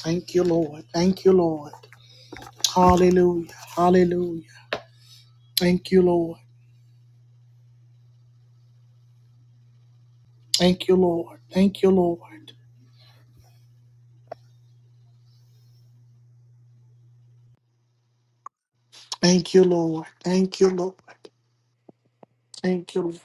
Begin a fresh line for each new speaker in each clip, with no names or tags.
Thank you, Lord. Thank you, Lord. Hallelujah. Hallelujah. Thank you, Lord. Thank you, Lord. Thank you, Lord. Thank you, Lord. Thank you, Lord. Thank you. Lord.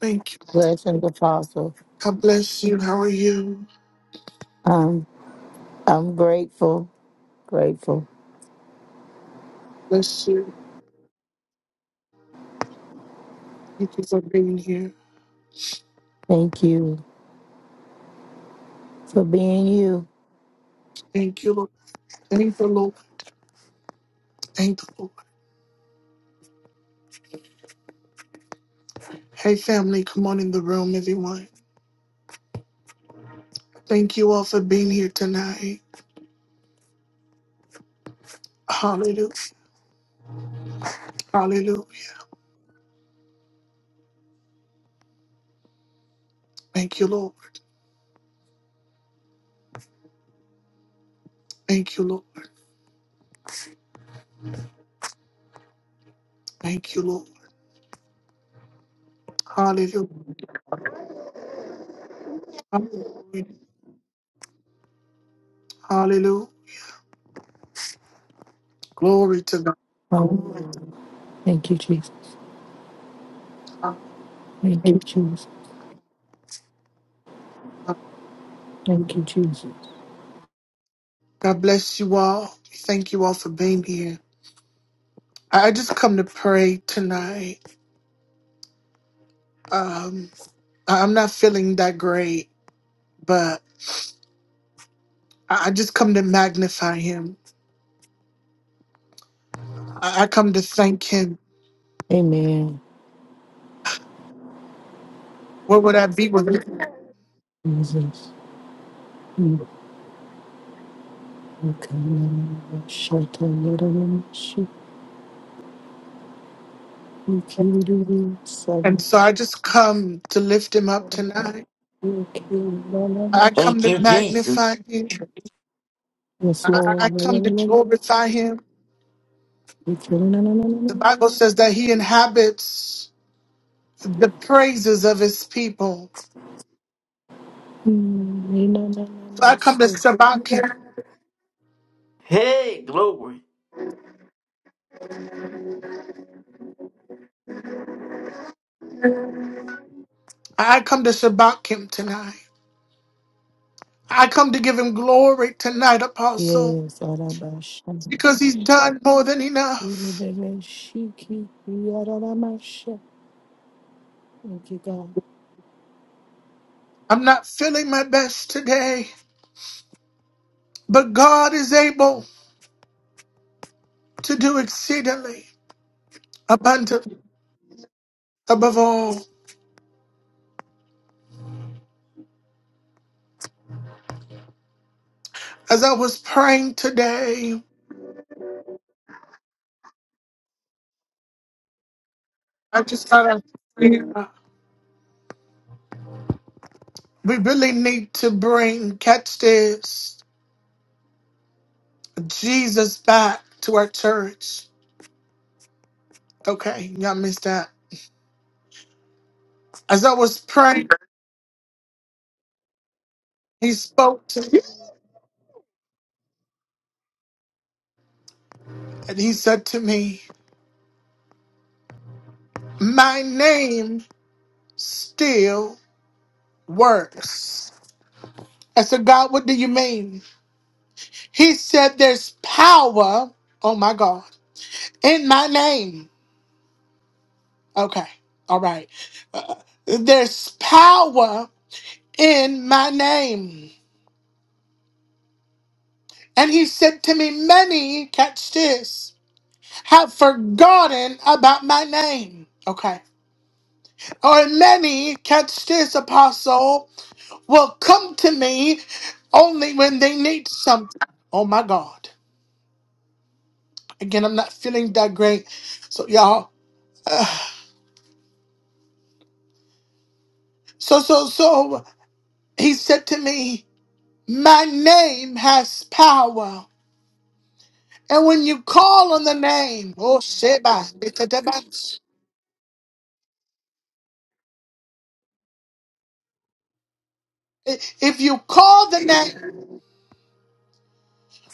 Thank you.
Legend Apostle.
God bless you. How are you?
Um, I'm grateful, grateful.
Bless you. Thank you for being here.
Thank you for being you.
Thank you, Lord. Thank you, Lord. Thank you, Lord. Hey, family, come on in the room, everyone. Thank you all for being here tonight. Hallelujah. Hallelujah. Thank you, Lord. Thank you, Lord. Thank you, Lord. Hallelujah. Hallelujah. Hallelujah. Glory to
Um, thank you, Jesus.
God.
Thank
Thank
you,
you.
Jesus.
God
Thank you, Jesus.
God bless you all. Thank you all for being here. I I just come to pray tonight. Um, I- I'm not feeling that great, but I I just come to magnify him. I I come to thank him.
Amen.
What would I be without him?
Jesus. Mm, okay, mm, shut the little one, shut the cute the
And
sun.
so I just come to lift him up tonight.
you kill the
I
little sh-
come
Thank
to
you,
magnify
Jesus.
him.
Yes,
I- I
Lord. no, no,
come to
no, no,
glorify him.
you kill no, no, no, no, no, no,
The Bible
no,
says
no.
that he inhabits the praises of his people.
Mm, no, no, no,
So I
no,
come to
so-
Shabbat him.
Hey, glory.
I come to Shabbat him tonight. I come to give him glory tonight, Apostle,
Yes, Arabashan.
because he's done more than enough.
Shiki, yadadamasha. Thank you, God.
I'm not feeling my best today, but God is able to do exceedingly abundantly above all. As I was praying today, I just thought I'd pray. We really need to bring, catch this, Jesus back to our church. Okay, y'all missed that. As I was praying He spoke to me and he said to me, My name still works. I said, God, what do you mean? He said, There's power, oh my God, in my name. Okay, all right. Uh, there's power in my name. And he said to me, Many, catch this, have forgotten about my name. Okay. Or many, catch this, apostle. will come to me only when they need something. Oh my God. Again, I'm not feeling that great. So, y'all, uh, so, so, so, he said to me, My name has power. And when you call on the name, oh, Sheba, Retetabans. if you call the name,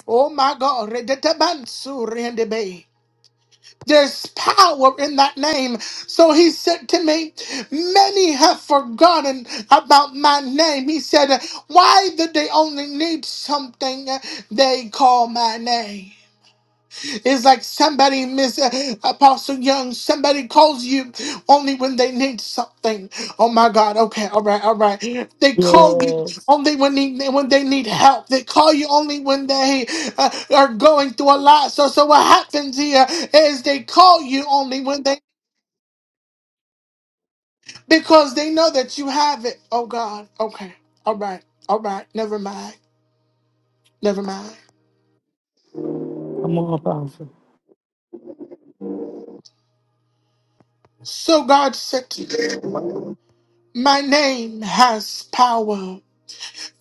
oh my God, Retetabans, Surendebe. There's power in that name. So he said to me, Many have forgotten about my name. He said, Why did they only need something they call my name? It's like somebody, Miss uh, Apostle Young, somebody calls you only when they need something. Oh my God. Okay. All right. All right. They call you
Yes.
only when they, when they need help. They call you only when they uh, are going through a lot. So, so what happens here is they call you only when they because they know that you have it. Oh God. Okay. All right. All right. Never mind. Never mind.
Come on, Apostle.
So God said, My name has power.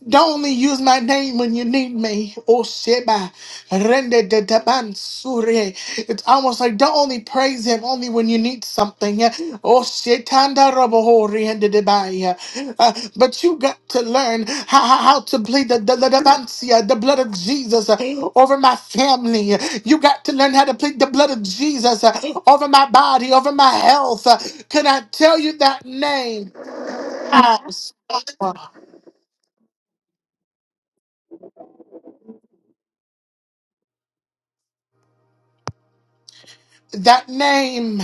Don't only use my name when you need me. Oh Sheba. Rende de taban sure. It's almost like don't only praise him only when you need something. Oh Shetanda Roboho Riende de Bai. Uh, But you got to learn how, how how to plead the, the, the, the Bansia, the blood of Jesus uh, over my family. You got to learn how to plead the blood of Jesus uh, over my body, over my health. Uh, Can I tell you that name? House. That name.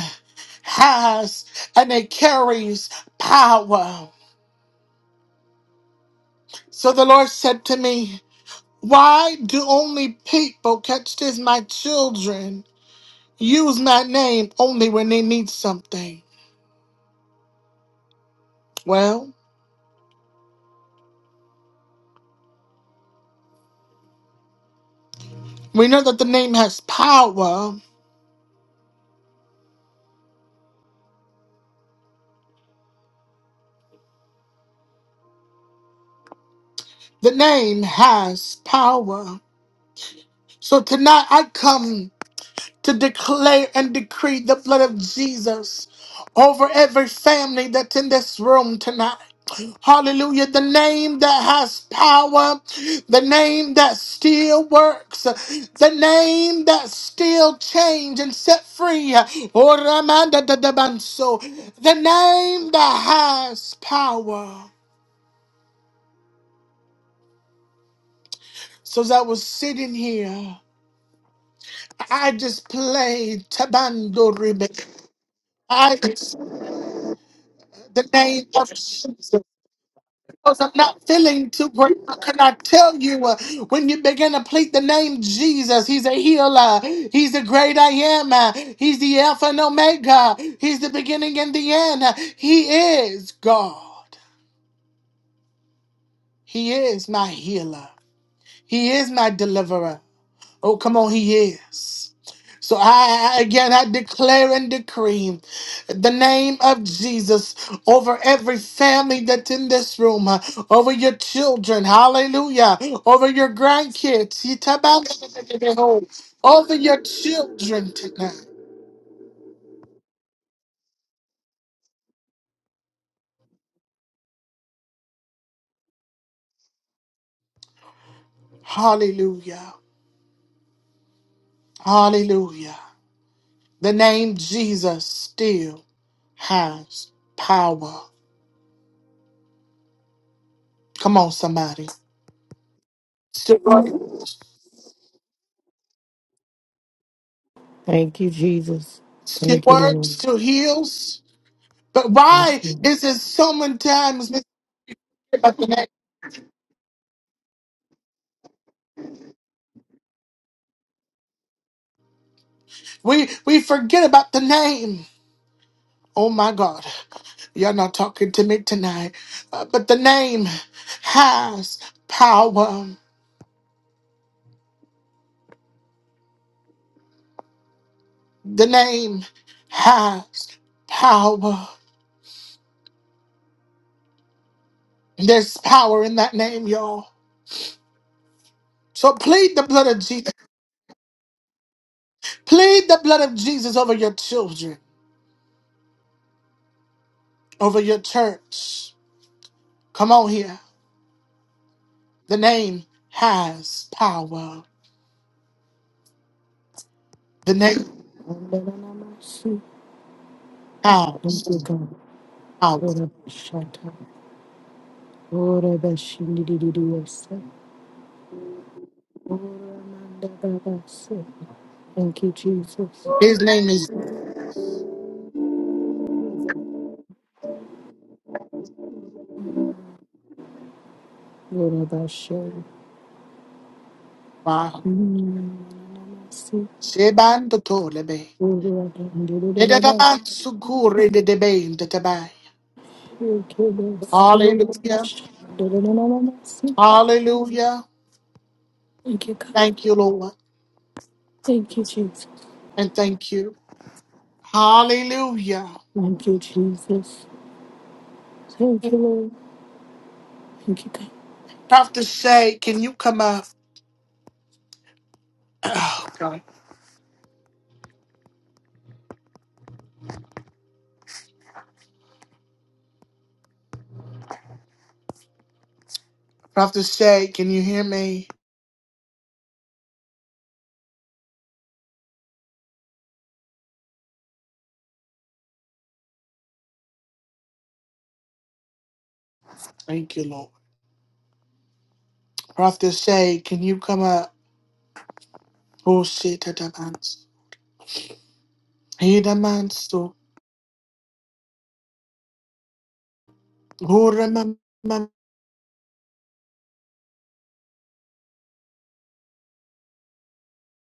has and it carries power. So the Lord said to me, Why do only people, catch this, my children, use my name only when they need something? Well, we know that the name has power. The name has power. So tonight I come to declare and decree the blood of Jesus over every family that's in this room tonight. Hallelujah. The name that has power, the name that still works, the name that still change and set free. Oh, Ramanda da da Banso. The name that has power. So as I was sitting here, I just played Tabando Ribic. I the name of Jesus. Because I'm not feeling too great. But Can I tell you uh, when you begin to plead the name Jesus, He's a healer. He's the great I am. Uh, He's the Alpha and Omega. He's the beginning and the end. Uh, He is God. He is my healer. He is my deliverer. Oh, come on, he is. So I I- again I declare and decree the name of Jesus over every family that's in this room, uh, over your children, hallelujah, over your grandkids, Yitabang- over your children tonight. Hallelujah. Hallelujah. The name Jesus still has power. Come on, somebody. Still works.
Thank you, Jesus.
Still
Thank you,
works,
Lord.
still heals But
Bless
why
you.
is it so many times we forget about the name? We we forget about the name. Oh my God, you're not talking to me tonight. Uh, but the name has power. The name has power. There's power in that name, y'all. So plead the blood of Jesus. Plead the blood of Jesus over your children, over your church. Come on here. The name has power. The name
Yadadamasu. Thank you,
has
God.
power.
Ora bashata. Ora bashindidididiyosa. Ora mandababasa. Thank you, Jesus.
His name is
Ora basho.
Sheba.
Mm, yadadamasu.
Sheban the Tolebe.
Ora dandidididabasa.
Dedadaban Sukuri de Debain de Tabai.
Thank you, Lord.
Hallelujah.
Ora bashandidididabasa.
Hallelujah.
Thank you, God.
Thank you, Lord.
Thank you, Jesus.
And thank you. Hallelujah.
Thank you, Jesus. Thank you, Lord. Thank you, God.
Prophet Shay, can you come up? Prophet Shay, can you hear me? Thank you, Lord. Prophet Shay, can you come up? Who sit Tadabans? He demands to. Who remember?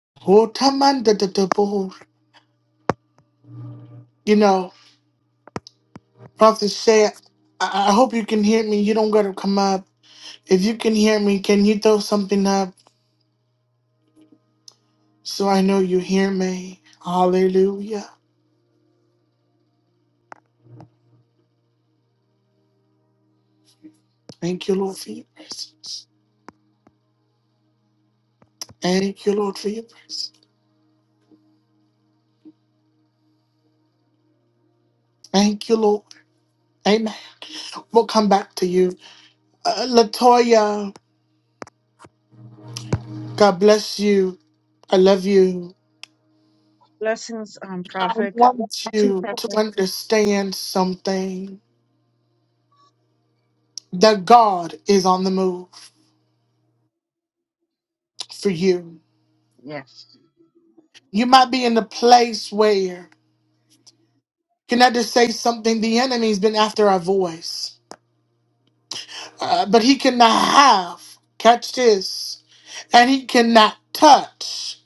Who tamanda the board? You know. Prophet Shay, I-, I hope you can hear me. You don't gotta come up. If you can hear me, can you throw something up so I know you hear me? Hallelujah. Thank you, Lord, for your presence. Thank you, Lord, for your presence. Thank you, Lord. Amen. We'll come back to you. Uh, Latoya, God bless you. I love you.
Blessings, um,
I
Prophet.
want
To
you to
Prophet.
understand something that God is on the move for you.
Yes,
You might be in the place where Can I just say something? The enemy's been after our voice, uh, but he cannot have, catch this, and he cannot touch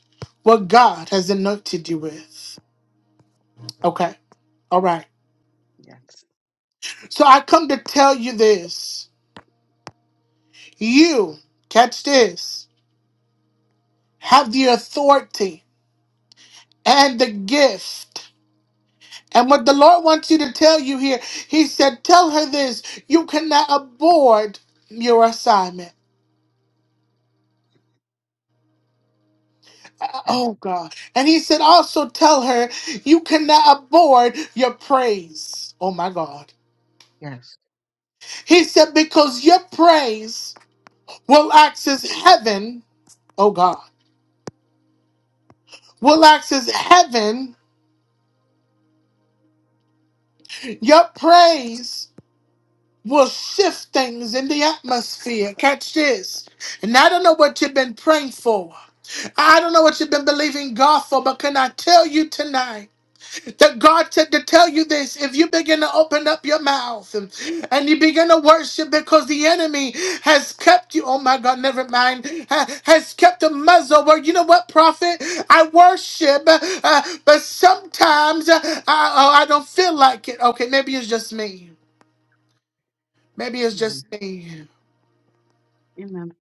what God has anointed you with. Okay, all right.
yes,
So I come to tell you this you, catch this, have the authority and the gift. And what the Lord wants you to tell you here, He said, Tell her this you cannot abort your assignment.
yes,
Oh God. And he said, also tell her you cannot abort your praise. Oh my God.
yes.
He said, because your praise will access heaven. Oh God. Will access heaven. Your praise will shift things in the atmosphere. Catch this. And I don't know what you've been praying for. I don't know what you've been believing God for, but can I tell you tonight? That God said to tell you this if you begin to open up your mouth and, and you begin to worship because the enemy has kept you. Oh my God, never mind. ha- has kept a muzzle where, you know what, prophet? I worship, uh, but sometimes uh, I, oh, I don't feel like it. Okay, maybe it's just me. Maybe it's
Amen.
just me.
Amen.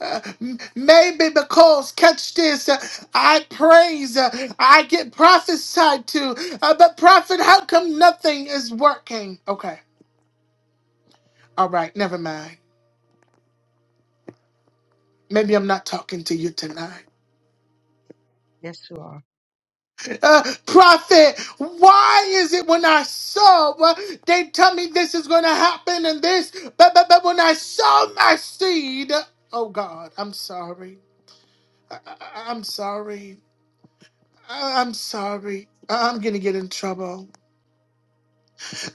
Uh, m- Maybe because, catch this, uh, I praise, uh, I get prophesied to, uh, but prophet, how come nothing is working? Okay, all right, never mind. Maybe I'm not talking to you tonight.
Yes, you are.
Uh, prophet, why is it when I sow, uh, they tell me this is going to happen and this, but, but, but when I sow my seed, oh God, I'm sorry. I, I, I'm sorry. I- I'm sorry. I- I'm gonna get in trouble.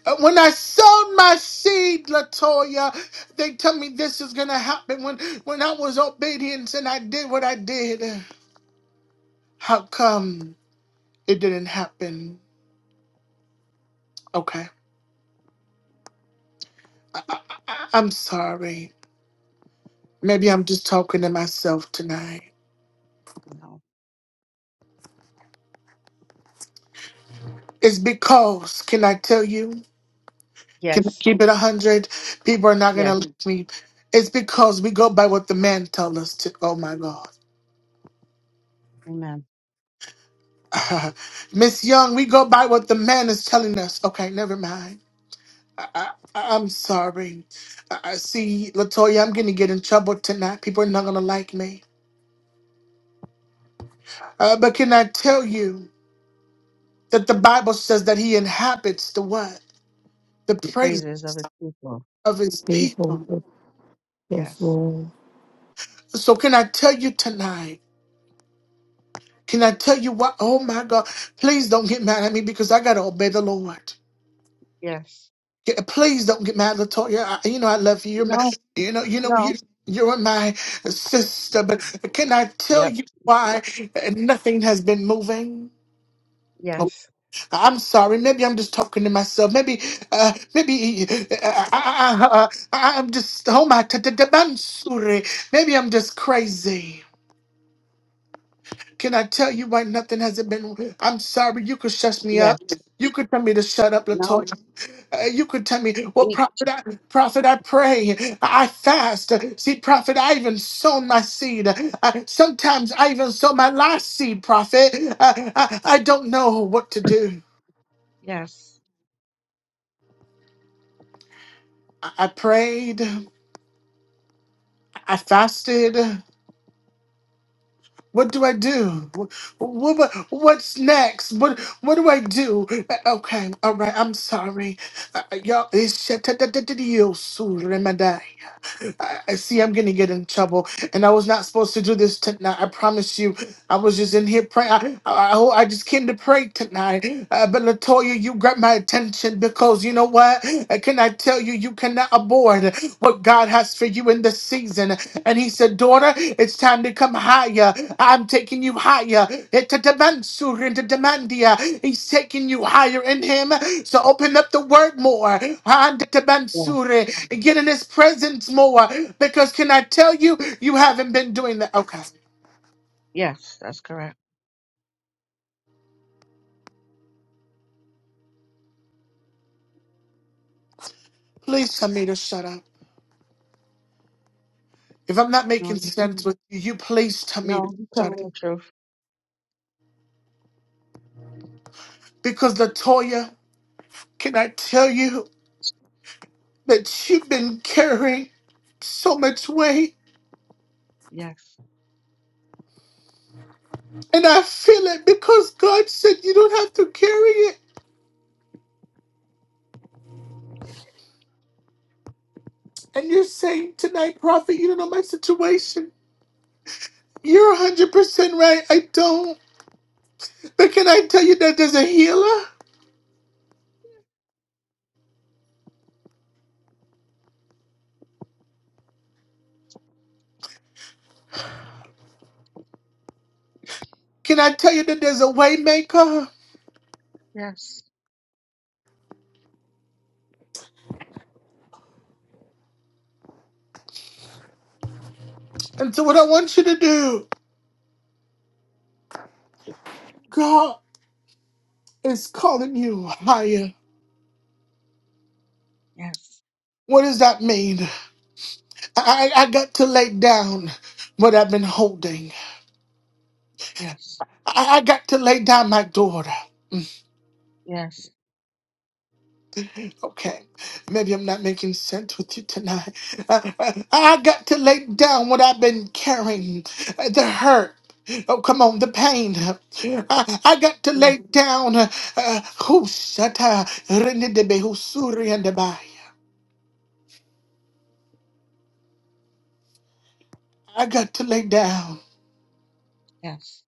Uh, When I sowed my seed, Latoya, they tell me this is gonna happen. When when I was obedient and I did what I did, how come it didn't happen? Okay, I, I, I- I'm sorry. Maybe I'm just talking to myself tonight.
No.
It's because, can I tell you? Can I
Yes,
keep it a hundred? People are not
yes.
gonna like me. It's because we go by what the man tells us to. Oh my God.
Amen.
Miss Young, we go by what the man is telling us. Okay, never mind. I, I, I'm sorry. I, I see, Latoya, I'm going to get in trouble tonight. People are not going to like me. Uh, but can I tell you that the Bible says that He inhabits the what? The praises
Praises of his people.
of His people.
Faithful. Yes,
Yes,
Lord.
So can I tell you tonight? Can I tell you what? Oh my God! Please don't get mad at me because I gotta obey the Lord.
yes.
Yeah, please don't get mad, Latoya. I, you know I love you. You're my,
No,
you know, you know you.
no.
You're my sister, but can I tell
Yep.
you why nothing has been moving? Oh,
Yes,
I'm sorry. Maybe I'm just talking to myself. Maybe, uh, maybe uh, I, I, I, I'm just oh my, t- t- t- I'm sorry. maybe I'm just crazy. Can I tell you why nothing hasn't been? I'm sorry. You could shut me
yes.
up. You could tell me to shut up,
No.
Latoya. Uh, you could tell me, well,
Speak.
prophet, I, prophet, I pray, I fast. See, prophet, I even sown my seed. Uh, sometimes I even sow my last seed, prophet. Uh, I, I don't know what to do.
Yes.
I I prayed, I fasted, What do I do? What, what what's next? What what do I do? Uh, Okay, all right. I'm sorry, uh, uh, y'all. It's shit- t- t- t- t- you, Sue Remedy. I I see. I'm gonna get in trouble, and I was not supposed to do this tonight. I promise you. I was just in here praying. I I, I oh, I just came to pray tonight. Uh, but Latoya, you grabbed my attention because you know what? Uh, Can I tell you? You cannot abort what God has for you in this season, and He said, daughter, it's time to come higher. I'm taking you higher. Into Demansur, into Demandia. He's taking you higher in him. So open up the word more. Under
Yeah.
Demansur, Get in his presence more. Because can I tell you, you haven't been doing that. Okay.
Yes, that's correct.
Please tell me to shut up. If I'm not
No,
making
you
sense
can.
with you, you please tell me to
No, you
shut up.
telling the truth.
Because Latoya, can I tell you that you've been carrying so much weight?
Yes,
And I feel it because God said you don't have to carry it. And you're saying tonight, Prophet, you don't know my situation. You're 100% right. I don't. But can I tell you that there's a healer? Can I tell you that there's a way maker?
yes,
And so, what I want you to do, God is calling you higher.
yes,
What does that mean? I, I got to lay down what I've been holding.
yes,
I, I got to lay down my daughter.
yes,
Okay, maybe I'm not making sense with you tonight. I I- I got to lay down what I've been carrying uh, the hurt. Oh, come on, the pain. I, I got to
yes,
lay down. uh, uh, who shut her? Renedebe, who suri and the by. I got to lay down.
yes.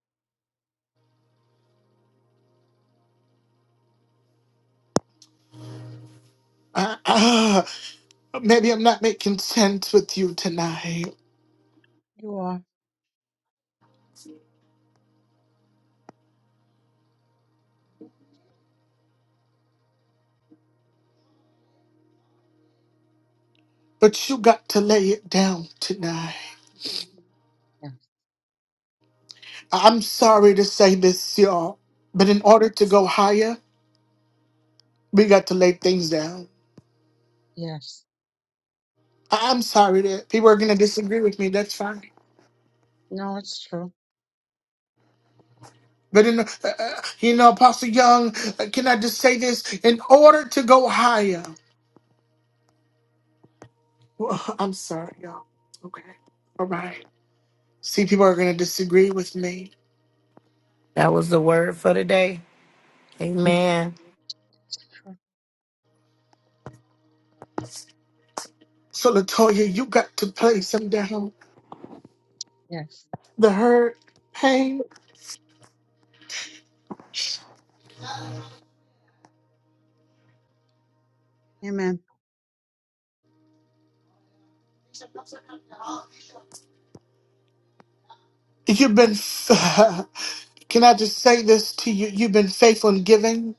Uh, uh, maybe I'm not making sense with you tonight,
You are.
but you got to lay it down tonight.
Yes,
I'm sorry to say this, y'all, but in order to go higher, We got to lay things down.
yes.
I- I'm sorry that people are going to disagree with me. That's fine.
No, it's true.
But in, uh, uh, you know, Apostle Young, uh, can I just say this? In order to go higher, well, I'm sorry, y'all. Okay, all right. See, people are going to disagree with me.
That was the word for today. Amen.
True.
So Latoya, you got to play some down.
Yes.
The hurt, pain.
Amen.
You've been. can I just say this to you? You've been faithful in giving.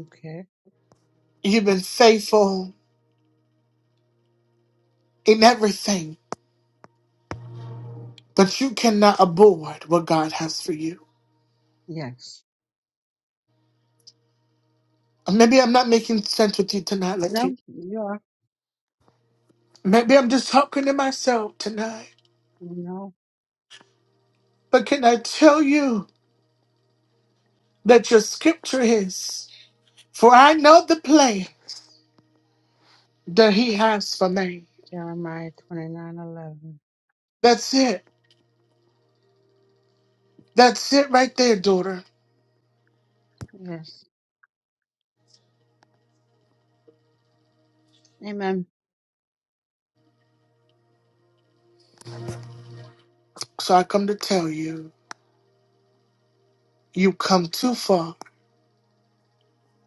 Okay.
You've been faithful in everything. but you cannot abort what God has for you.
Yes.
Maybe I'm not making sense with you tonight, Lexi.
No, you are.
Maybe I'm just talking to myself tonight.
No.
But can I tell you that your scripture is, for I know the plan that he has for me.
Jeremiah twenty nine eleven.
That's it. That's it right there, daughter.
Yes. Amen.
So I come to tell you, you've come too far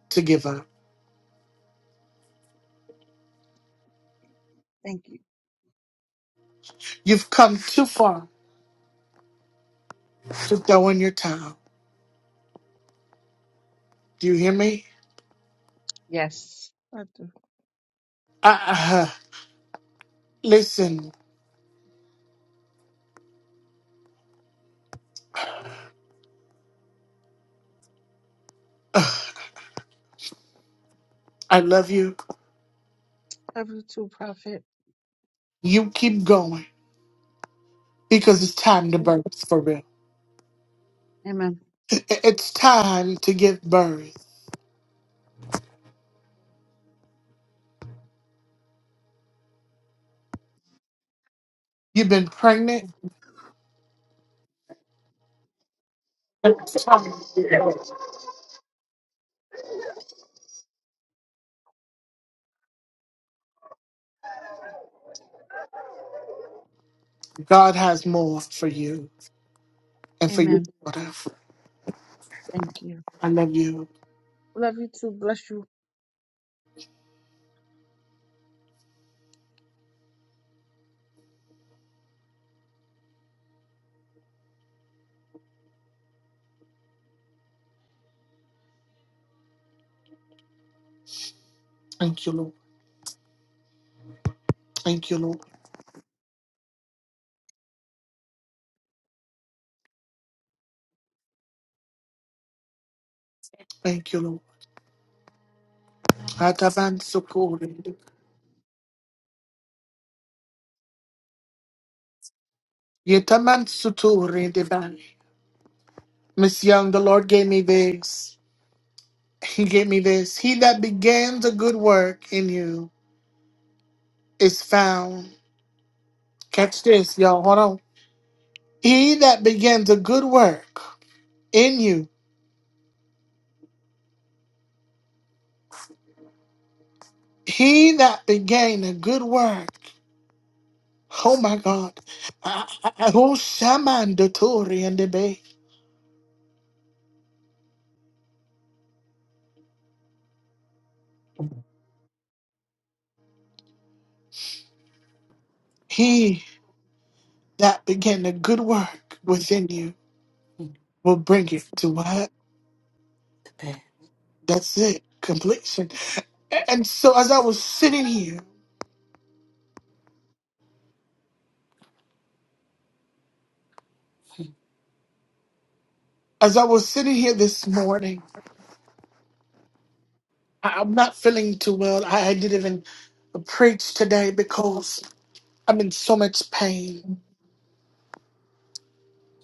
to give up.
Thank you.
You've come too far to throw in your towel. Do you hear me?
Yes. I do.
I, I, listen, I love you.
Love you too, Prophet.
You keep going. because it's time to birth for real.
Amen.
It- it- It's time to give birth. You've been pregnant. God has more for you and for your
Amen.
daughter.
Thank you.
I love you.
Love you too. Bless you.
Thank you, Lord. Thank you, Lord. Thank you, Lord. Atavansukuri. Yetamansuturi divine. Miss Young, the Lord gave me this. He gave me this. He that began the good work in you is found. Catch this, y'all. Hold on. He that begins a good work in you He that began a good work. Oh my God. I- I- I- oh, Shaman Dotori and Debe. He that began a good work within you will bring it to what?
Thank
That's it. Completion. A- And so as I was sitting here, as I was sitting here this morning, I- I'm not feeling too well. I, I didn't even preach today because I'm in so much pain.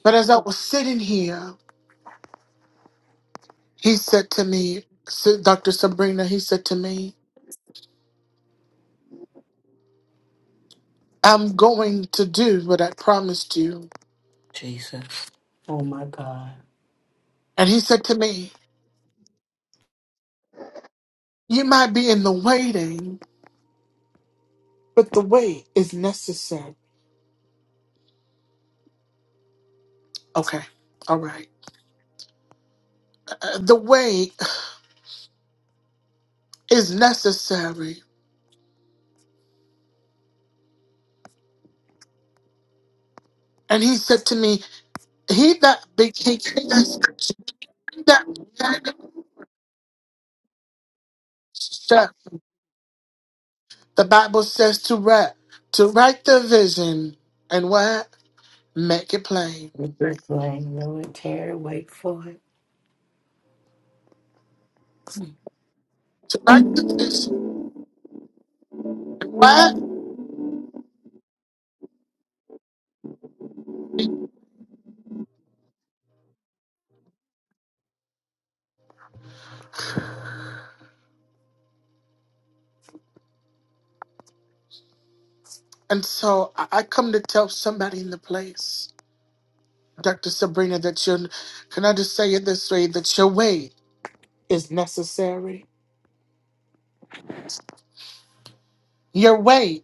But as I was sitting here, He said to me, S- Dr. Sabrina, he said to me, I'm going to do what I promised you.
Jesus. Oh my God.
And he said to me, You might be in the waiting, but the wait is necessary. Okay, all right. Uh, uh, the wait is necessary. And he said to me, He that became that began- stuff," the Bible says to write, to write the vision and what? Make it plain.
With this lane, no Terry, wait for it.
To write the vision. What? And so I I come to tell somebody in the place, Dr. Sabrina, that your can I just say it this way, that your way is necessary. Your way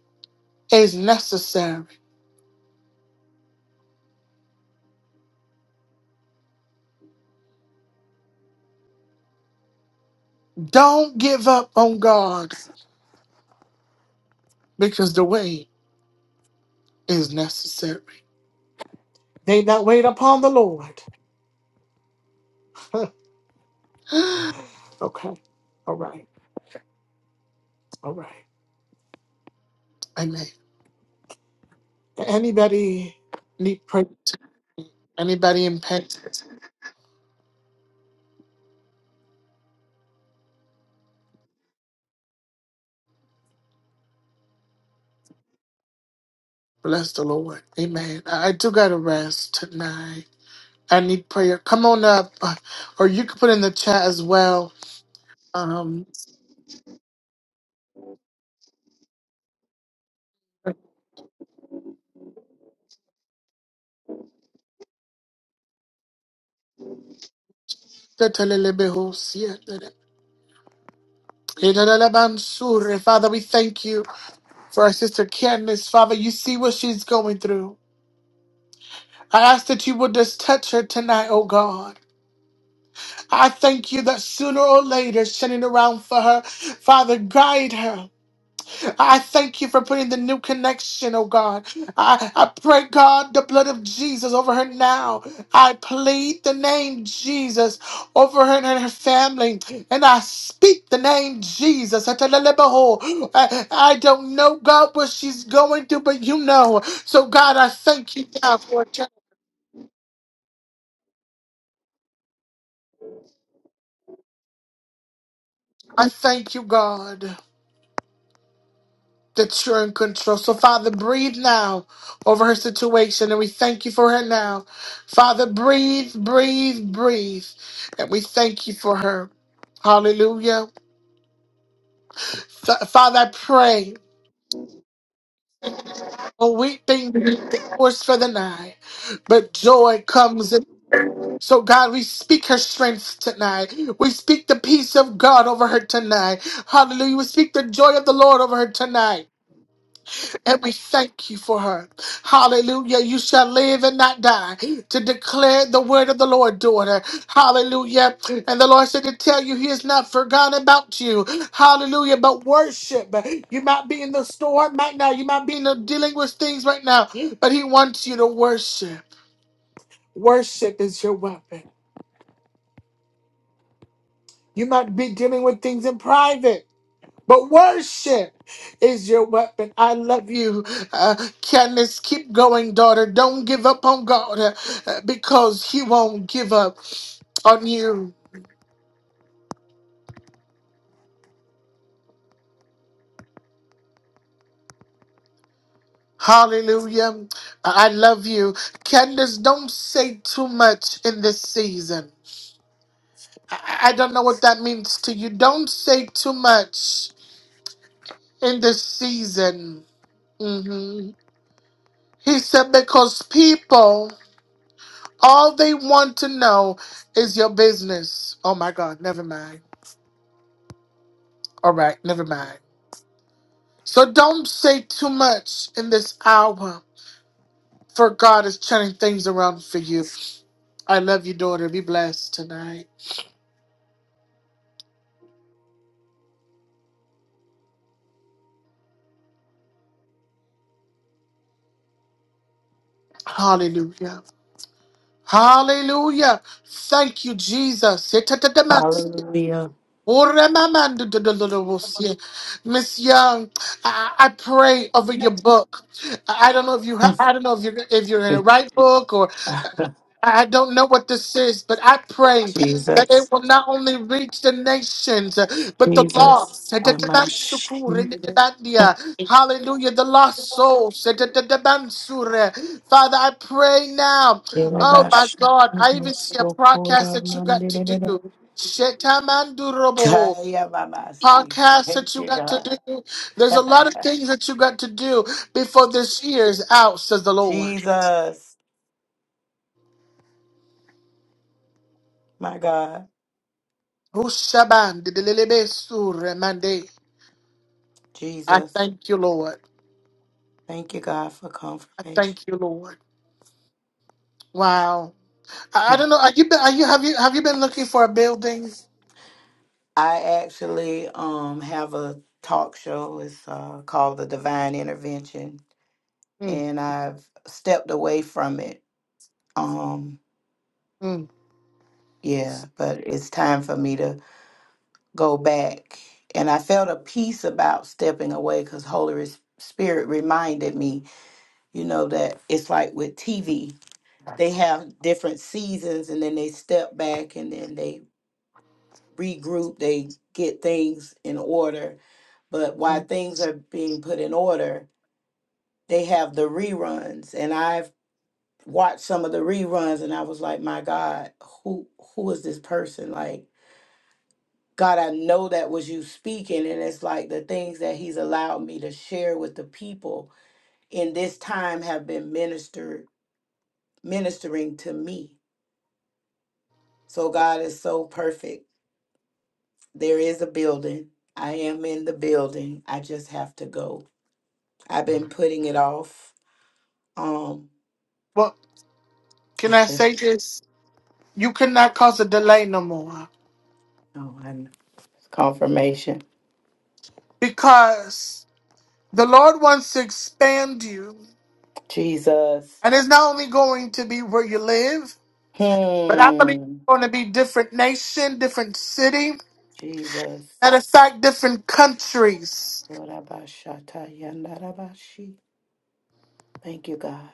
is necessary. Don't give up on God because the way is necessary. They that wait upon the Lord. okay. All right. All right. Amen. Anybody need prayer? Anybody in pain? Bless the Lord. Amen. I I do gotta rest tonight. I need prayer. Come on up, uh, or you can put in the chat as well. Um, Father, we thank you for our sister Candace. Father, you see what she's going through. I ask that you will just touch her tonight, oh God. I thank you that sooner or later, sending around for her, Father, guide her. I thank you for putting the new connection, oh God. I, I pray, God, the blood of Jesus over her now. I plead the name Jesus over her and her family. And I speak the name Jesus. Atalalabaho. I, I don't know, God, what she's going through, but you know. So, God, I thank you, God, for it. I thank you, God. that you're in control. So, Father, breathe now over her situation, and we thank you for her now. Father, breathe, breathe, breathe, and we thank you for her. Hallelujah. F- Father, I pray for weeping was for the night, but joy comes. In. So, God, we speak her strength tonight. We speak the peace of God over her tonight. Hallelujah. We speak the joy of the Lord over her tonight. And we thank you for her. Hallelujah. You shall live and not die to declare the word of the Lord, daughter. Hallelujah. And the Lord said to tell you he has not forgotten about you. Hallelujah. But worship. You might be in the store right now. You might be in the dealing with things right now. But he wants you to worship. Worship is your weapon. You might be dealing with things in private. But worship is your weapon. I love you. Uh, Candace, keep going, daughter. Don't give up on God uh, uh, because He won't give up on you. Hallelujah. I I love you. Candace, don't say too much in this season. I I don't know what that means to you. Don't say too much in this season. Mhm. He said, because people All they want to know is your business. Oh my God, never mind. All right, never mind. So don't say too much in this hour, for God is turning things around for you. I love you, daughter. Be blessed tonight. Hallelujah. Hallelujah. Thank you, Jesus.
Hallelujah.
Miss Young, I, I pray over your book. I I don't know if you ha- I don't know if you're if you're in the right book or. I don't know what this is, but I pray that it
Jesus,
will not only reach the nations, but the
Jesus,
lost.
Amash,
Hallelujah, the lost souls. Father, I pray now. Oh my
Yerabash,
God, I even see a podcast
Sokora,
that you got to
Mandela,
do. Shetamanduroboho.
Taya Mamasi.
Podcast that
Thank
you
you,
got
God.
to do. There's a lot of things that you got to do before this year is out, says the Lord.
Jesus, my God,
Hushaban didelelebe surre mande. I
Jesus.
thank you, Lord.
Thank you, God, for
I
confirmation.
thank you, Lord. Wow. I, I don't know. Are you been, are you have you have you been looking for a building?
I actually um have a talk show. It's uh, called The Divine Intervention,
Mm,
and I've stepped away from it. Um,
mm,
yeah, but it's time for me to go back. And I felt a peace about stepping away because Holy Res- Spirit reminded me, you know, that it's like with TV. they have different seasons and then they step back and then they regroup, they get things in order. But while
mm.
things are being put in order, they have the reruns. And I've watched some of the reruns and I was like, my God, who who is this person? Like, God, I know that was you speaking. And it's like the things that he's allowed me to share with the people in this time have been ministered ministering to me. So God is so perfect There is a building. I am in the building. I just have to go. I've been putting it off. Um,
Well, can I say this? You cannot cause a delay no more
oh, I know. It's confirmation.
because the Lord wants to expand you,
Jesus.
and it's not only going to be where you live, but I believe
Hmm.
it's going to be different nation, different city,
Jesus.
matter of fact, different countries.
Lord, I bow shatta yanda da ba shi. Thank you, God.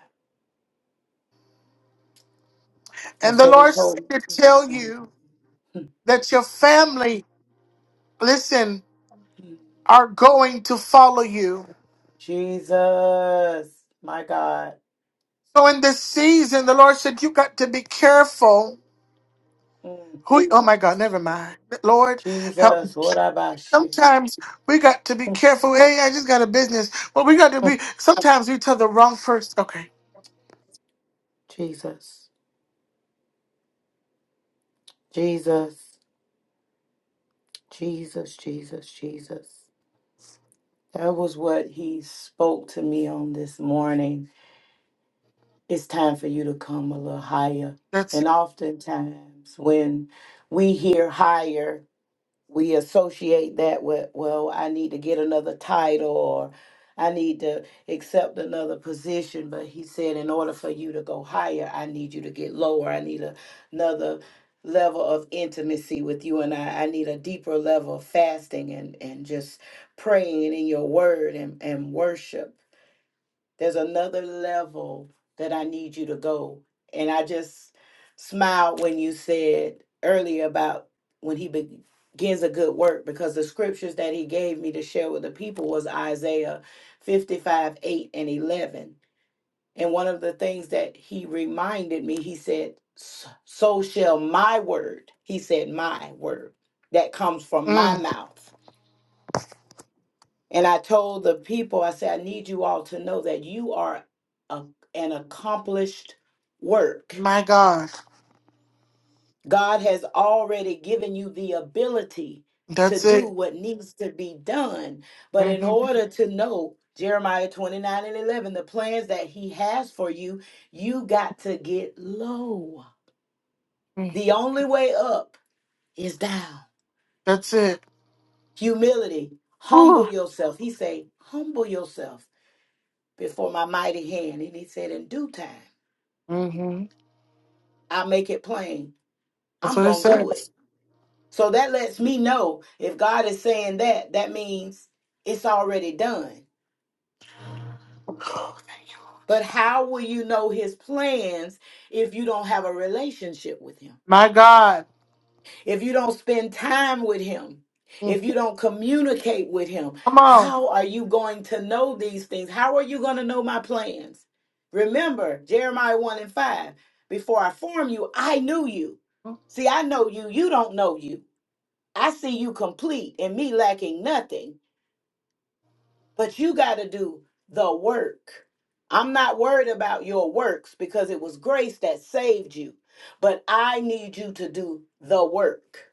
And
That's
the
what he
Lord
told
said
me.
to
this
tell you.
morning.
that your family, listen, are going to follow you.
Jesus. My God.
So in this season, the Lord said, You got to be careful.
Mm.
Who, oh my God, never mind. Lord, help me.
Jesus. What about she?
Sometimes we got to be careful. Hey, I just got a business. But we got to be, sometimes we tell the wrong person. Okay,
Jesus. Jesus. Jesus, Jesus, Jesus. That was what he spoke to me on this morning. It's time for you to come a little higher.
that's it.
And oftentimes, when we hear higher, we associate that with well i need to get another title or i need to accept another position but he said in order for you to go higher i need you to get lower i need a- another level of intimacy with you and i i need a deeper level of fasting and and just praying in your word and and worship there's another level that I need you to go. And I just smiled when you said earlier about when he begins a good work because the scriptures that he gave me to share with the people was Isaiah 55, 8 and 11. And one of the things that he reminded me, he said, so shall my word, he said, my word that comes from my
Mm,
mouth. And I told the people, I said, I need you all to know that you are a, an accomplished work.
my God,
God has already given you the ability
that's
to do
it.
what needs to be done. But in
hmm
order to know Jeremiah 29 and 11, the plans that he has for you, you got to get low. The only way up is down.
That's it.
Humility,
Ooh.
humble yourself. He said, humble yourself before my mighty hand. And he said, in due time.
hmm
I make it plain.
That's
I'm
what it
going to do it.
says.
So that lets me know if God is saying that, that means it's already done. But how will you know his plans if you don't have a relationship with him?
My God.
If you don't spend time with him?
Mm,
If you don't communicate with him?
Come on.
How are you going to know these things? How are you going to know my plans? Remember, Jeremiah 1 and 5 Before I formed you, I knew you. See, I know you. You don't know you. I see you complete and me lacking nothing, but you got to do the work. I'm not worried about your works because it was grace that saved you, but I need you to do the work.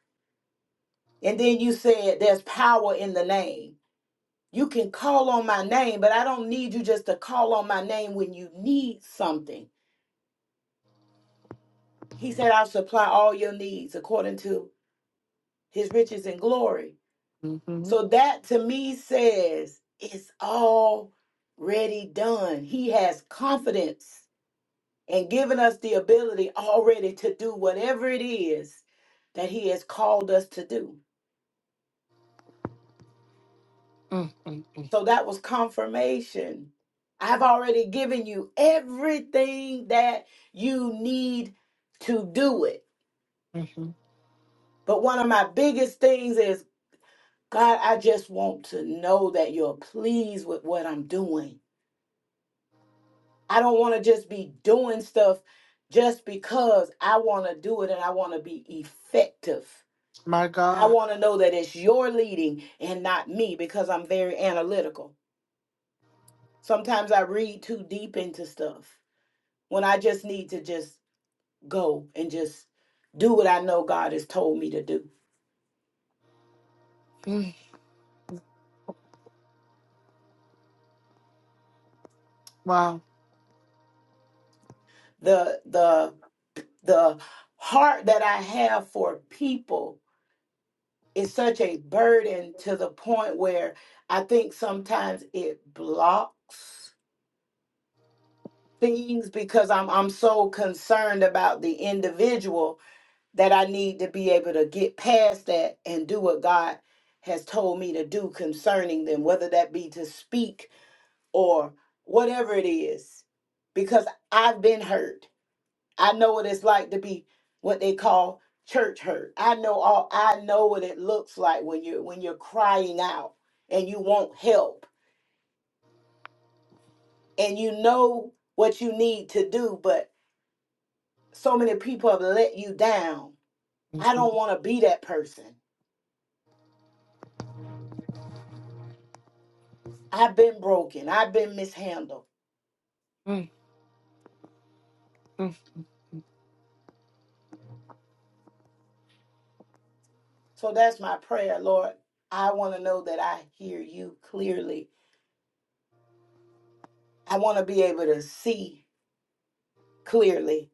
And then you said there's power in the name. You can call on my name, but I don't need you just to call on my name when you need something. He said, I'll supply all your needs according to his riches and glory.
Mhm.
So that to me says it's already done. He has confidence and given us the ability already to do whatever it is that He has called us to do.
Mm, mm, mm,
So that was confirmation. I've already given you everything that you need to do it.
mhm.
But one of my biggest things is God, I just want to know that you're pleased with what I'm doing. I don't want to just be doing stuff just because I want to do it and I want to be effective.
My
I
God.
want to know that it's your leading and not me because I'm very analytical. Sometimes I read too deep into stuff when I just need to just go and just do what I know God has told me to do.
Mm, wow.
The the the heart that I have for people it's such a burden to the point where I think sometimes it blocks things because I'm I'm so concerned about the individual that I need to be able to get past that and do what God has told me to do concerning them, whether that be to speak or whatever it is, because I've been hurt. I know what it's like to be what they call church hurt. I know all I know what it looks like when you're when you're crying out and you want help and you know what you need to do, but so many people have let you down. I
Mhm,
don't want to be that person. I've been broken. I've been mishandled.
mm, mm.
So that's my prayer, Lord. I want to know that I hear you clearly. I want to be able to see clearly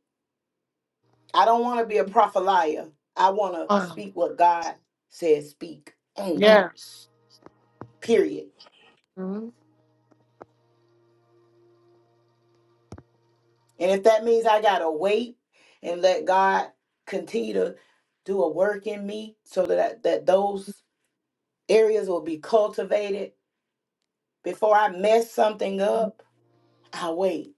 I don't want to be a prophet liar. I want to
Oh,
speak what God says speak only,
yes.
period.
Mm,
And if that means I got to wait and let God continue to do a work in me so that, that those areas will be cultivated before I mess something up, I wait.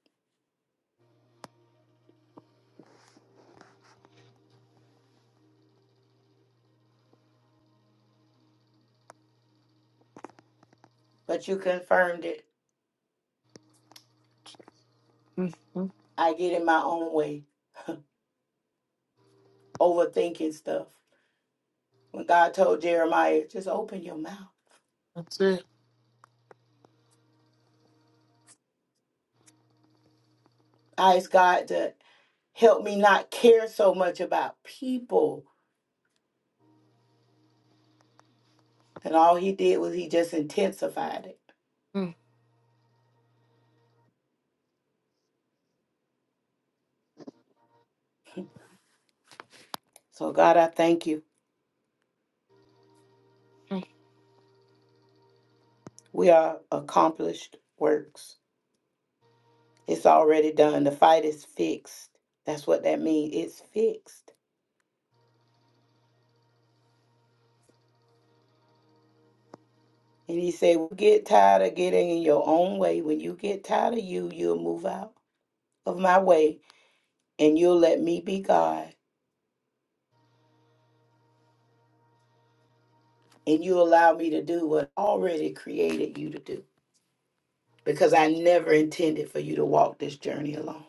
But you confirmed it.
mm, mm.
I get in my own way, overthinking stuff. When God told Jeremiah, just open your mouth.
That's it.
I ask God to help me not care so much about people. And all he did was he just intensified it.
Mm,
So, God, I thank you. We are accomplished works. It's already done. The fight is fixed. That's what that means. It's fixed. And he said, Get tired of getting in your own way. When you get tired of you, you'll move out of my way and you'll let me be God and you allow me to do what I already created you to do. because I never intended for you to walk this journey alone.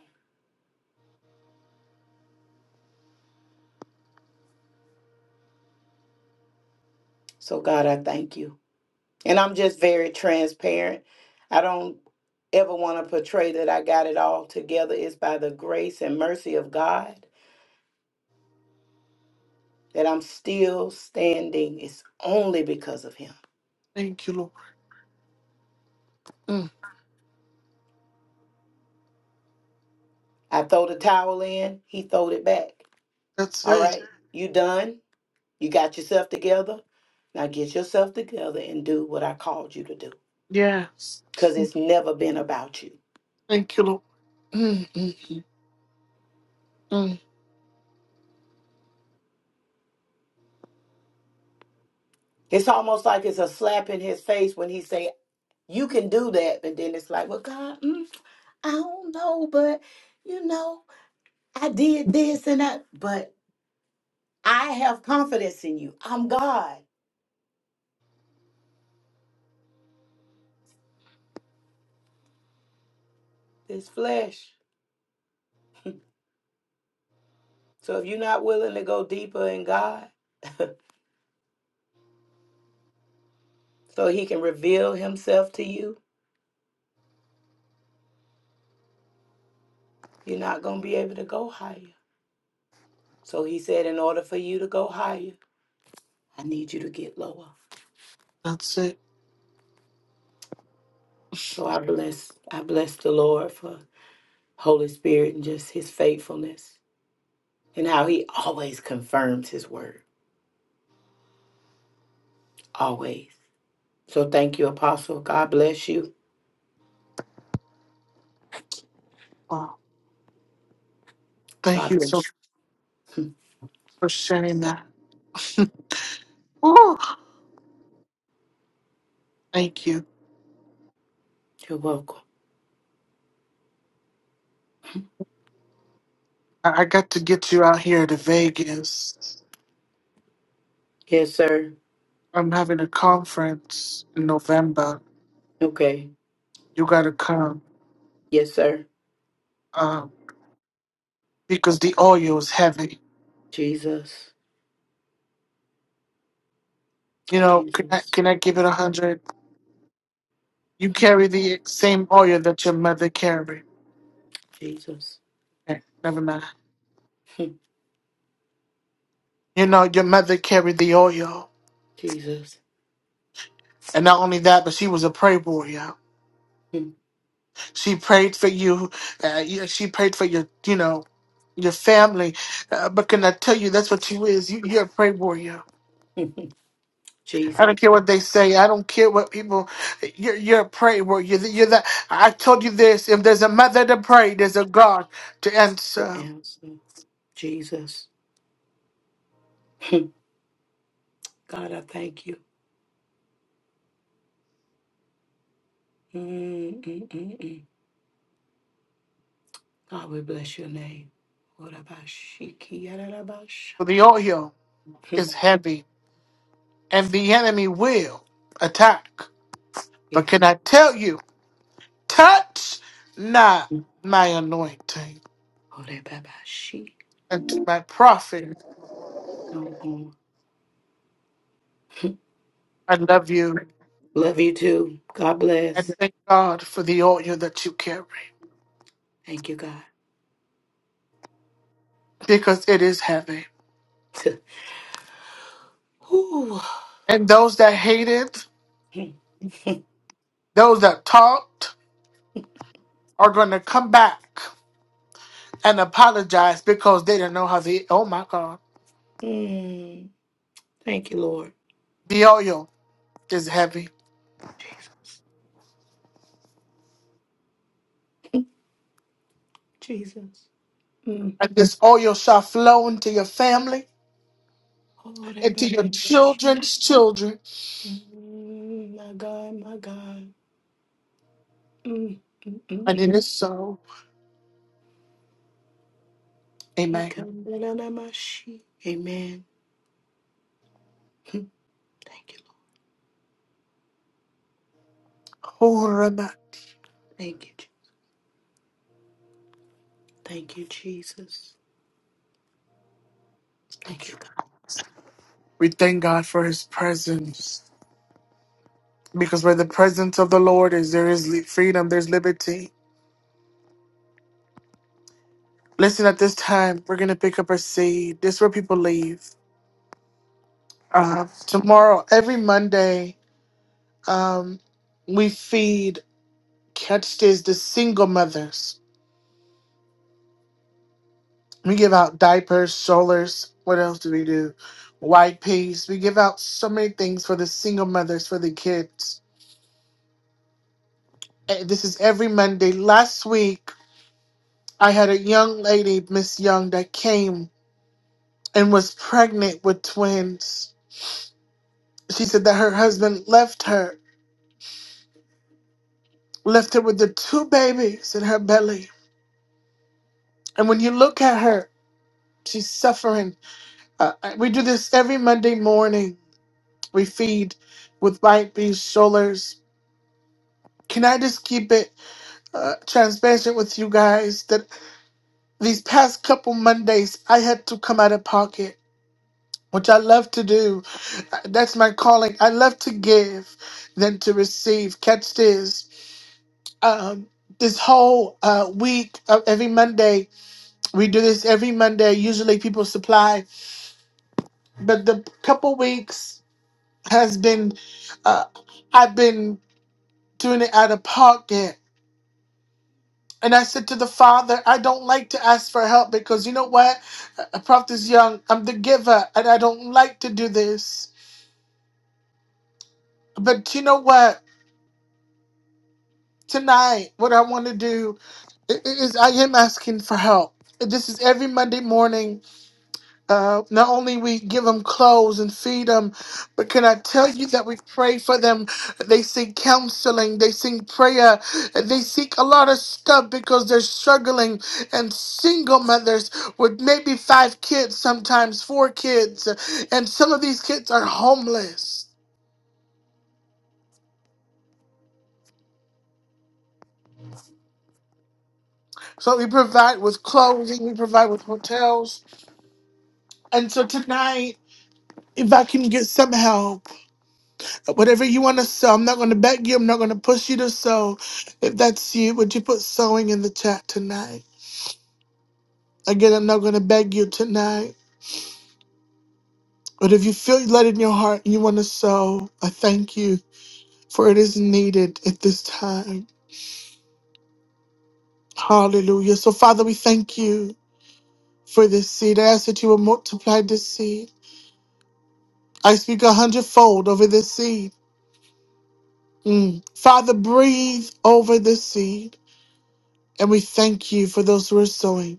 So, God, I thank you. And I'm just very transparent. I don't ever want to portray that I got it all together. It's by the grace and mercy of God that I'm still standing. It's only because of Him.
Thank you, Lord. Mm,
I throw the towel in, He throwed it back.
That's
All
it.
right, you done. You got yourself together. Now get yourself together and do what I called you to do
Yes.
because it's never been about you.
Thank you, Lord. Mm, mm, mm, mm.
It's almost like it's a slap in his face when he say, "You can do that," but then it's like, "Well, God, mm, I don't know, but you know, I did this and that, but I have confidence in you. I'm God, this flesh. So if you're not willing to go deeper in God, so he can reveal himself to you, you're not going to be able to go higher. So he said, in order for you to go higher, I need you to get lower.
That's it.
So I bless, I bless the Lord for Holy Spirit and just his faithfulness and how he always confirms his word. Always. So thank you, Apostle. God bless you.
Wow. Thank
God
you so
bless
much for sharing that. Woo! Thank you.
you. You're welcome.
I I got to get you out here to Vegas.
Yes, sir.
I'm having a conference in November.
Okay.
You got to come
Yes, sir.
um, because the oil is heavy.
Jesus.
You know, can I
Jesus.
can I give it a hundred? You carry the same oil that your mother carried.
Jesus.
Okay, never mind.
Hmm.
You know, your mother carried the oil,
Jesus.
and not only that, but she was a prayer warrior.
Hmm.
She prayed for you. Uh, yeah, she prayed for your, you know, your family. Uh, but can I tell you, that's what you is. You, you're a prayer warrior. I don't
Jesus.
care what they say. I don't care what people. You're, you're a prayer warrior. You're, you're that. I told you this. If there's a mother to pray, there's a God to
The
answer.
answer. Jesus. Hmm. God, I thank you. Mm, mm, mm, mm. God, we bless your name. What about Shiki?
So the oil is heavy. and the enemy will attack. But can
Yes.
I tell you, touch not my anointing
Orebabashi.
and my prophet.
No harm.
I love you
Love you too. God
and
bless.
thank God for the oil that you carry
Thank you, God.
because it is heavy.
Ooh.
And those that hated,
Mm.
those that talked, are going to come back and apologize because they didn't know how the oh my God,
Mm. Thank you, Lord.
the oil is heavy.
Jesus. Jesus. Mm.
And this oil shall flow into your family, into your
Orebabashi.
children's children,
Mm. My God, my God. Mm. Mm, mm,
and
mm.
it is so.
He
Amen.
come, da-da-da-mashi. Amen. Mm. Thank you,
Horeba-
Lord. Thank you. Je- Thank you, Jesus. Thank
Thank
you,
you.
God.
We thank God for his presence because where the presence of the Lord is, there is li- freedom, there's liberty. Listen, at this time, we're going to pick up our seed. This is where people leave. Uh, tomorrow, every Monday, um, we feed, catch this, the single mothers. We give out diapers, strollers. What else do we do? White peas. We give out so many things for the single mothers, for the kids. Eh, This is every Monday. Last week, I had a young lady, Miss Young, that came and was pregnant with twins. She said that her husband left her, left her with the two babies in her belly. And when you look at her, she's suffering. Uh, we do this every Monday morning. We feed with white beef shoulders. Can I just keep it uh, transparent with you guys that these past couple Mondays, I had to come out of pocket which I love to do. That's my calling. I love to give than to receive. Catch this. Um, this whole uh, week, uh, every Monday, we do this every Monday. Usually people supply, but the couple weeks has been, uh, I've been doing it out of pocket. And I said to the father, I don't like to ask for help because you know what? A prophet is young. I'm the giver and I don't like to do this. But you know what? tonight what i want to do i- i- is i am asking for help this is every monday morning uh, not only we give them clothes and feed them but can i tell you that we pray for them they seek counseling they seek prayer they seek a lot of stuff because they're struggling and single mothers with maybe five kids sometimes four kids and some of these kids are homeless so we provide with clothing we provide with hotels and so tonight if I can get some help, whatever you want to sew, I'm not going to beg you. I'm not going to push you to sew. If that's you, would you put sewing in the chat tonight? Again, I'm not going to beg you tonight. But if you feel led in your heart and you want to sew, I thank you for it is needed at this time. Hallelujah. So, Father, we thank you for this seed. I ask that you will multiply this seed. I speak a hundredfold over this seed. Mm. Father, breathe over this seed. And we thank you for those who are sowing.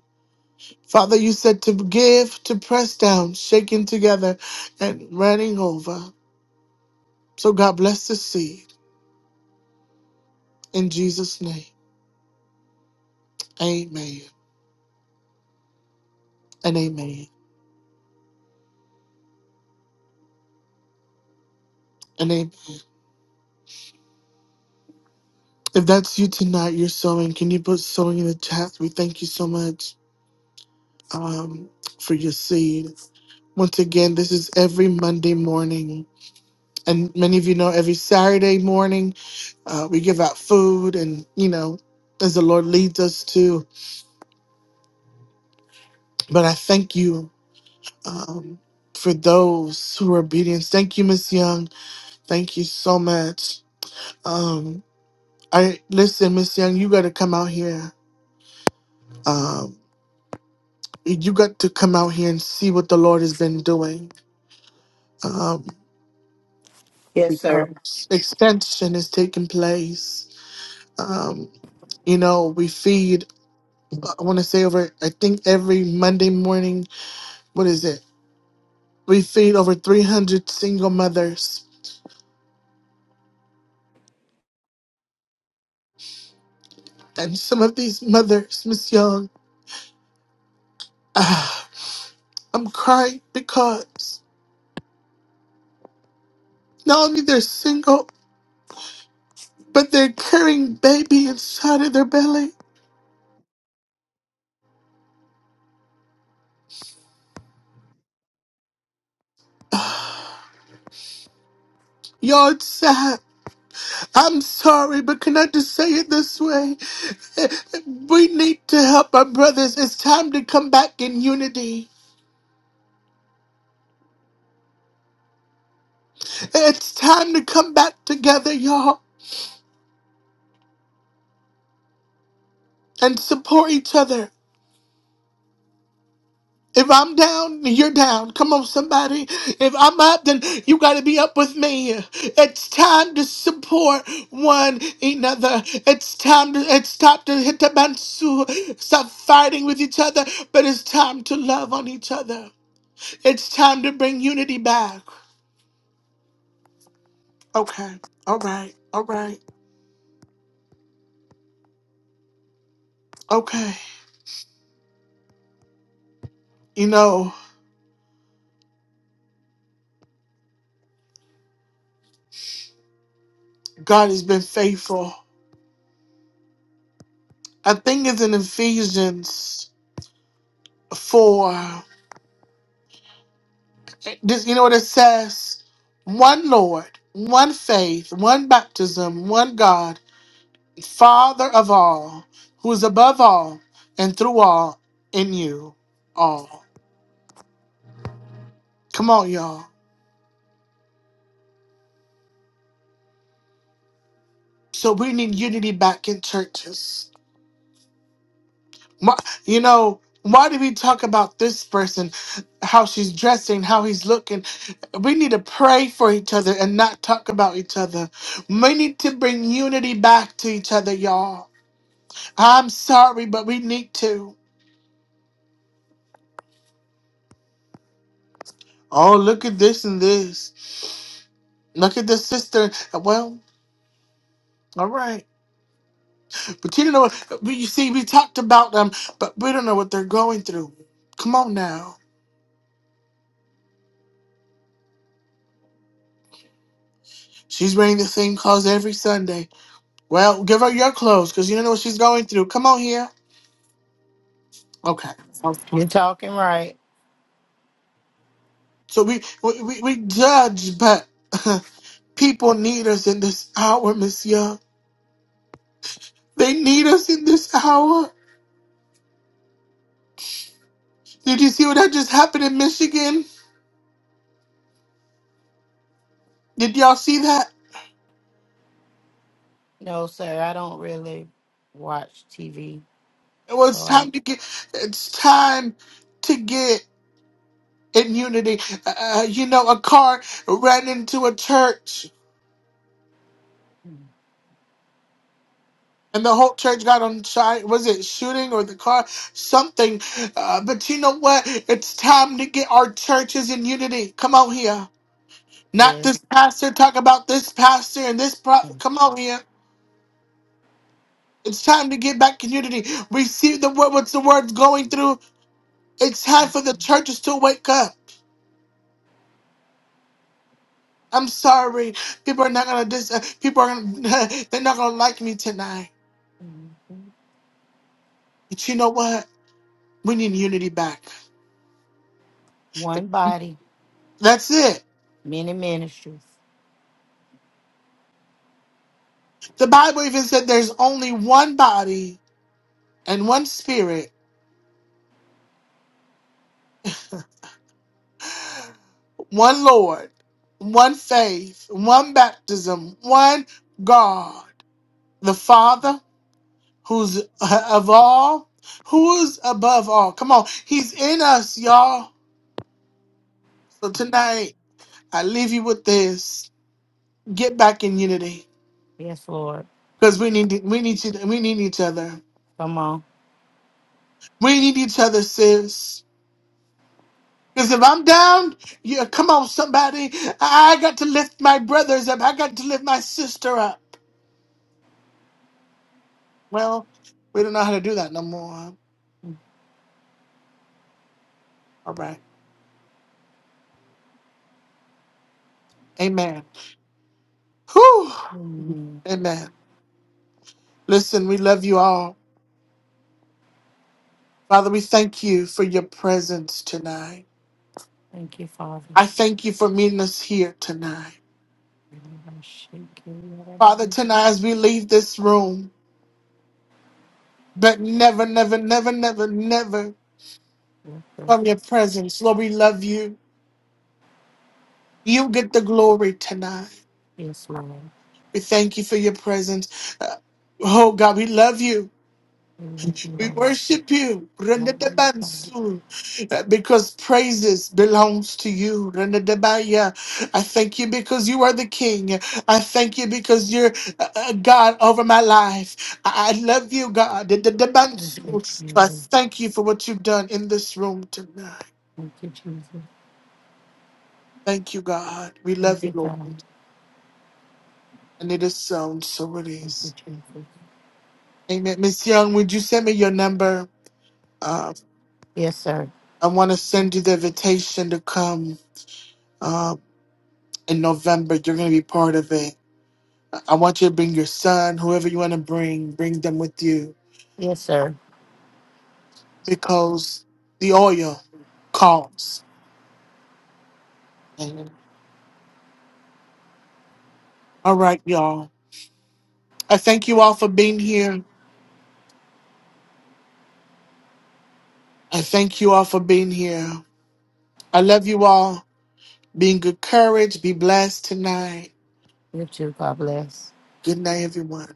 Father, you said to give, to press down, shaking together, and running over. So God bless the seed in Jesus' name. Amen and amen. And amen. If that's you tonight, you're sowing. Can you put sowing in the chat? We thank you so much um, for your seed. Once again, this is every Monday morning. And many of you know every Saturday morning, uh, we give out food and, you know, as the Lord leads us to. But I thank you. um, for those who are obedient. Thank you, Miss Young. Thank you so much. Um, I listen, Miss Young. You got to come out here. Um, you got to come out here and see what the Lord has been doing. Um,
Yes, sir.
because expansion is taking place. Um, you know, we feed. I want to say over. I think every Monday morning. What is it? We feed over 300 single mothers, and some of these mothers, Miss Young. I'm crying because not only they're single, but they're carrying baby inside of their belly. Y'all, it's sad. I'm sorry, but can I just say it this way? We need to help our brothers. It's time to come back in unity. It's time to come back together, y'all, and support each other. If I'm down, you're down. Come on, somebody. If I'm up, then you got to be up with me. It's time to support one another. It's time to it's time to hit the bansu. Stop fighting with each other, but it's time to love on each other. It's time to bring unity back. Okay. All right. All right. Okay. You know, God has been faithful. I think it's in Ephesians 4. It- this- you know what it says? One Lord, one faith, one baptism, one God, Father of all, who is above all and through all, in you all. Come on, y'all. So we need unity back in churches. Why- You know, why do we talk about this person, how she's dressing, how he's looking? We need to pray for each other and not talk about each other. We need to bring unity back to each other, y'all. I'm sorry, but we need to. Oh, look at this and this. Look at this sister. Well, all right. But you know what? We, you see, we talked about them, but we don't know what they're going through. Come on now. She's wearing the same clothes every Sunday. Well, give her your clothes because you don't know what she's going through. Come on here. Okay.
You're talking right.
So we we, we, we judge, but people need us in this hour, Miss Young. They need us in this hour. Did you see what that just happened in Michigan? Did y'all see that?
No, sir, I don't really watch TV.
Well,
So
it's
I,
time to get. It's time to get in unity. Uh, uh, you know, a car ran into a church, and the whole church got on fire. Was it shooting or the car? Something. Uh, but you know what? It's time to get our churches in unity. Come out here. Not this
yes.
pastor. Talk about this pastor and this. Pro- Come out here. It's time to get back in unity. We see the word. What's the word going through? It's time for the churches to wake up. I'm sorry. People are not gonna dis. uh, People are gonna. They're not gonna like me tonight. But you know what? We need unity back.
One body,
That's it.
many ministries.
The Bible even said there's only one body and one spirit, one Lord, one faith, one baptism, one God, the Father, who's uh, of all, who's above all. Come on, He's in us, y'all. So tonight, I leave you with this. get back in unity
Yes, Lord.
because we need we need to, we need each other.
Come on.
We need each other, sis. Because if I'm down, yeah, come on, somebody. I I got to lift my brothers up. I got to lift my sister up. Well, we don't know how to do that no more. All right. Amen. Whew.
Mm.
Amen. Listen, we love you all. Father, we thank you for your presence tonight.
Thank you, Father.
I thank you for meeting us here tonight. Father, tonight as we leave this room, but never, never, never, never, never from your presence. Lord, we love you. You get the glory tonight.
Yes, Lord.
We thank you for your presence. Uh, oh, God, we love you.
We love you,
We
Lord.
worship you.
Hallelujah, God.
Rendedebansu. Uh, Because praises belongs to you. Rendedebaya. I thank you because you are the king. I thank you because you're uh, uh, God over my life. I I love you, God.
Thank you,
Rendedebansu. I
Jesus.
thank you for what you've done in this room tonight.
Thank you, Jesus.
Thank you, God. We
Thank
love you,
you,
Lord.
God.
And it is sown, so it
Thank you,
is.
Jesus.
Amen. Miss Young, would you send me your number? Uh,
Yes, sir.
I want to send you the invitation to come uh, in November. You're going to be part of it. I I want you to bring your son, whoever you want to bring, bring them with you
Yes, sir.
because the oil calls. Amen. All right, y'all. I thank you all for being here. I thank you all for being here. I love you all. Be in good courage. Be blessed tonight.
You too. God bless.
Good night, everyone.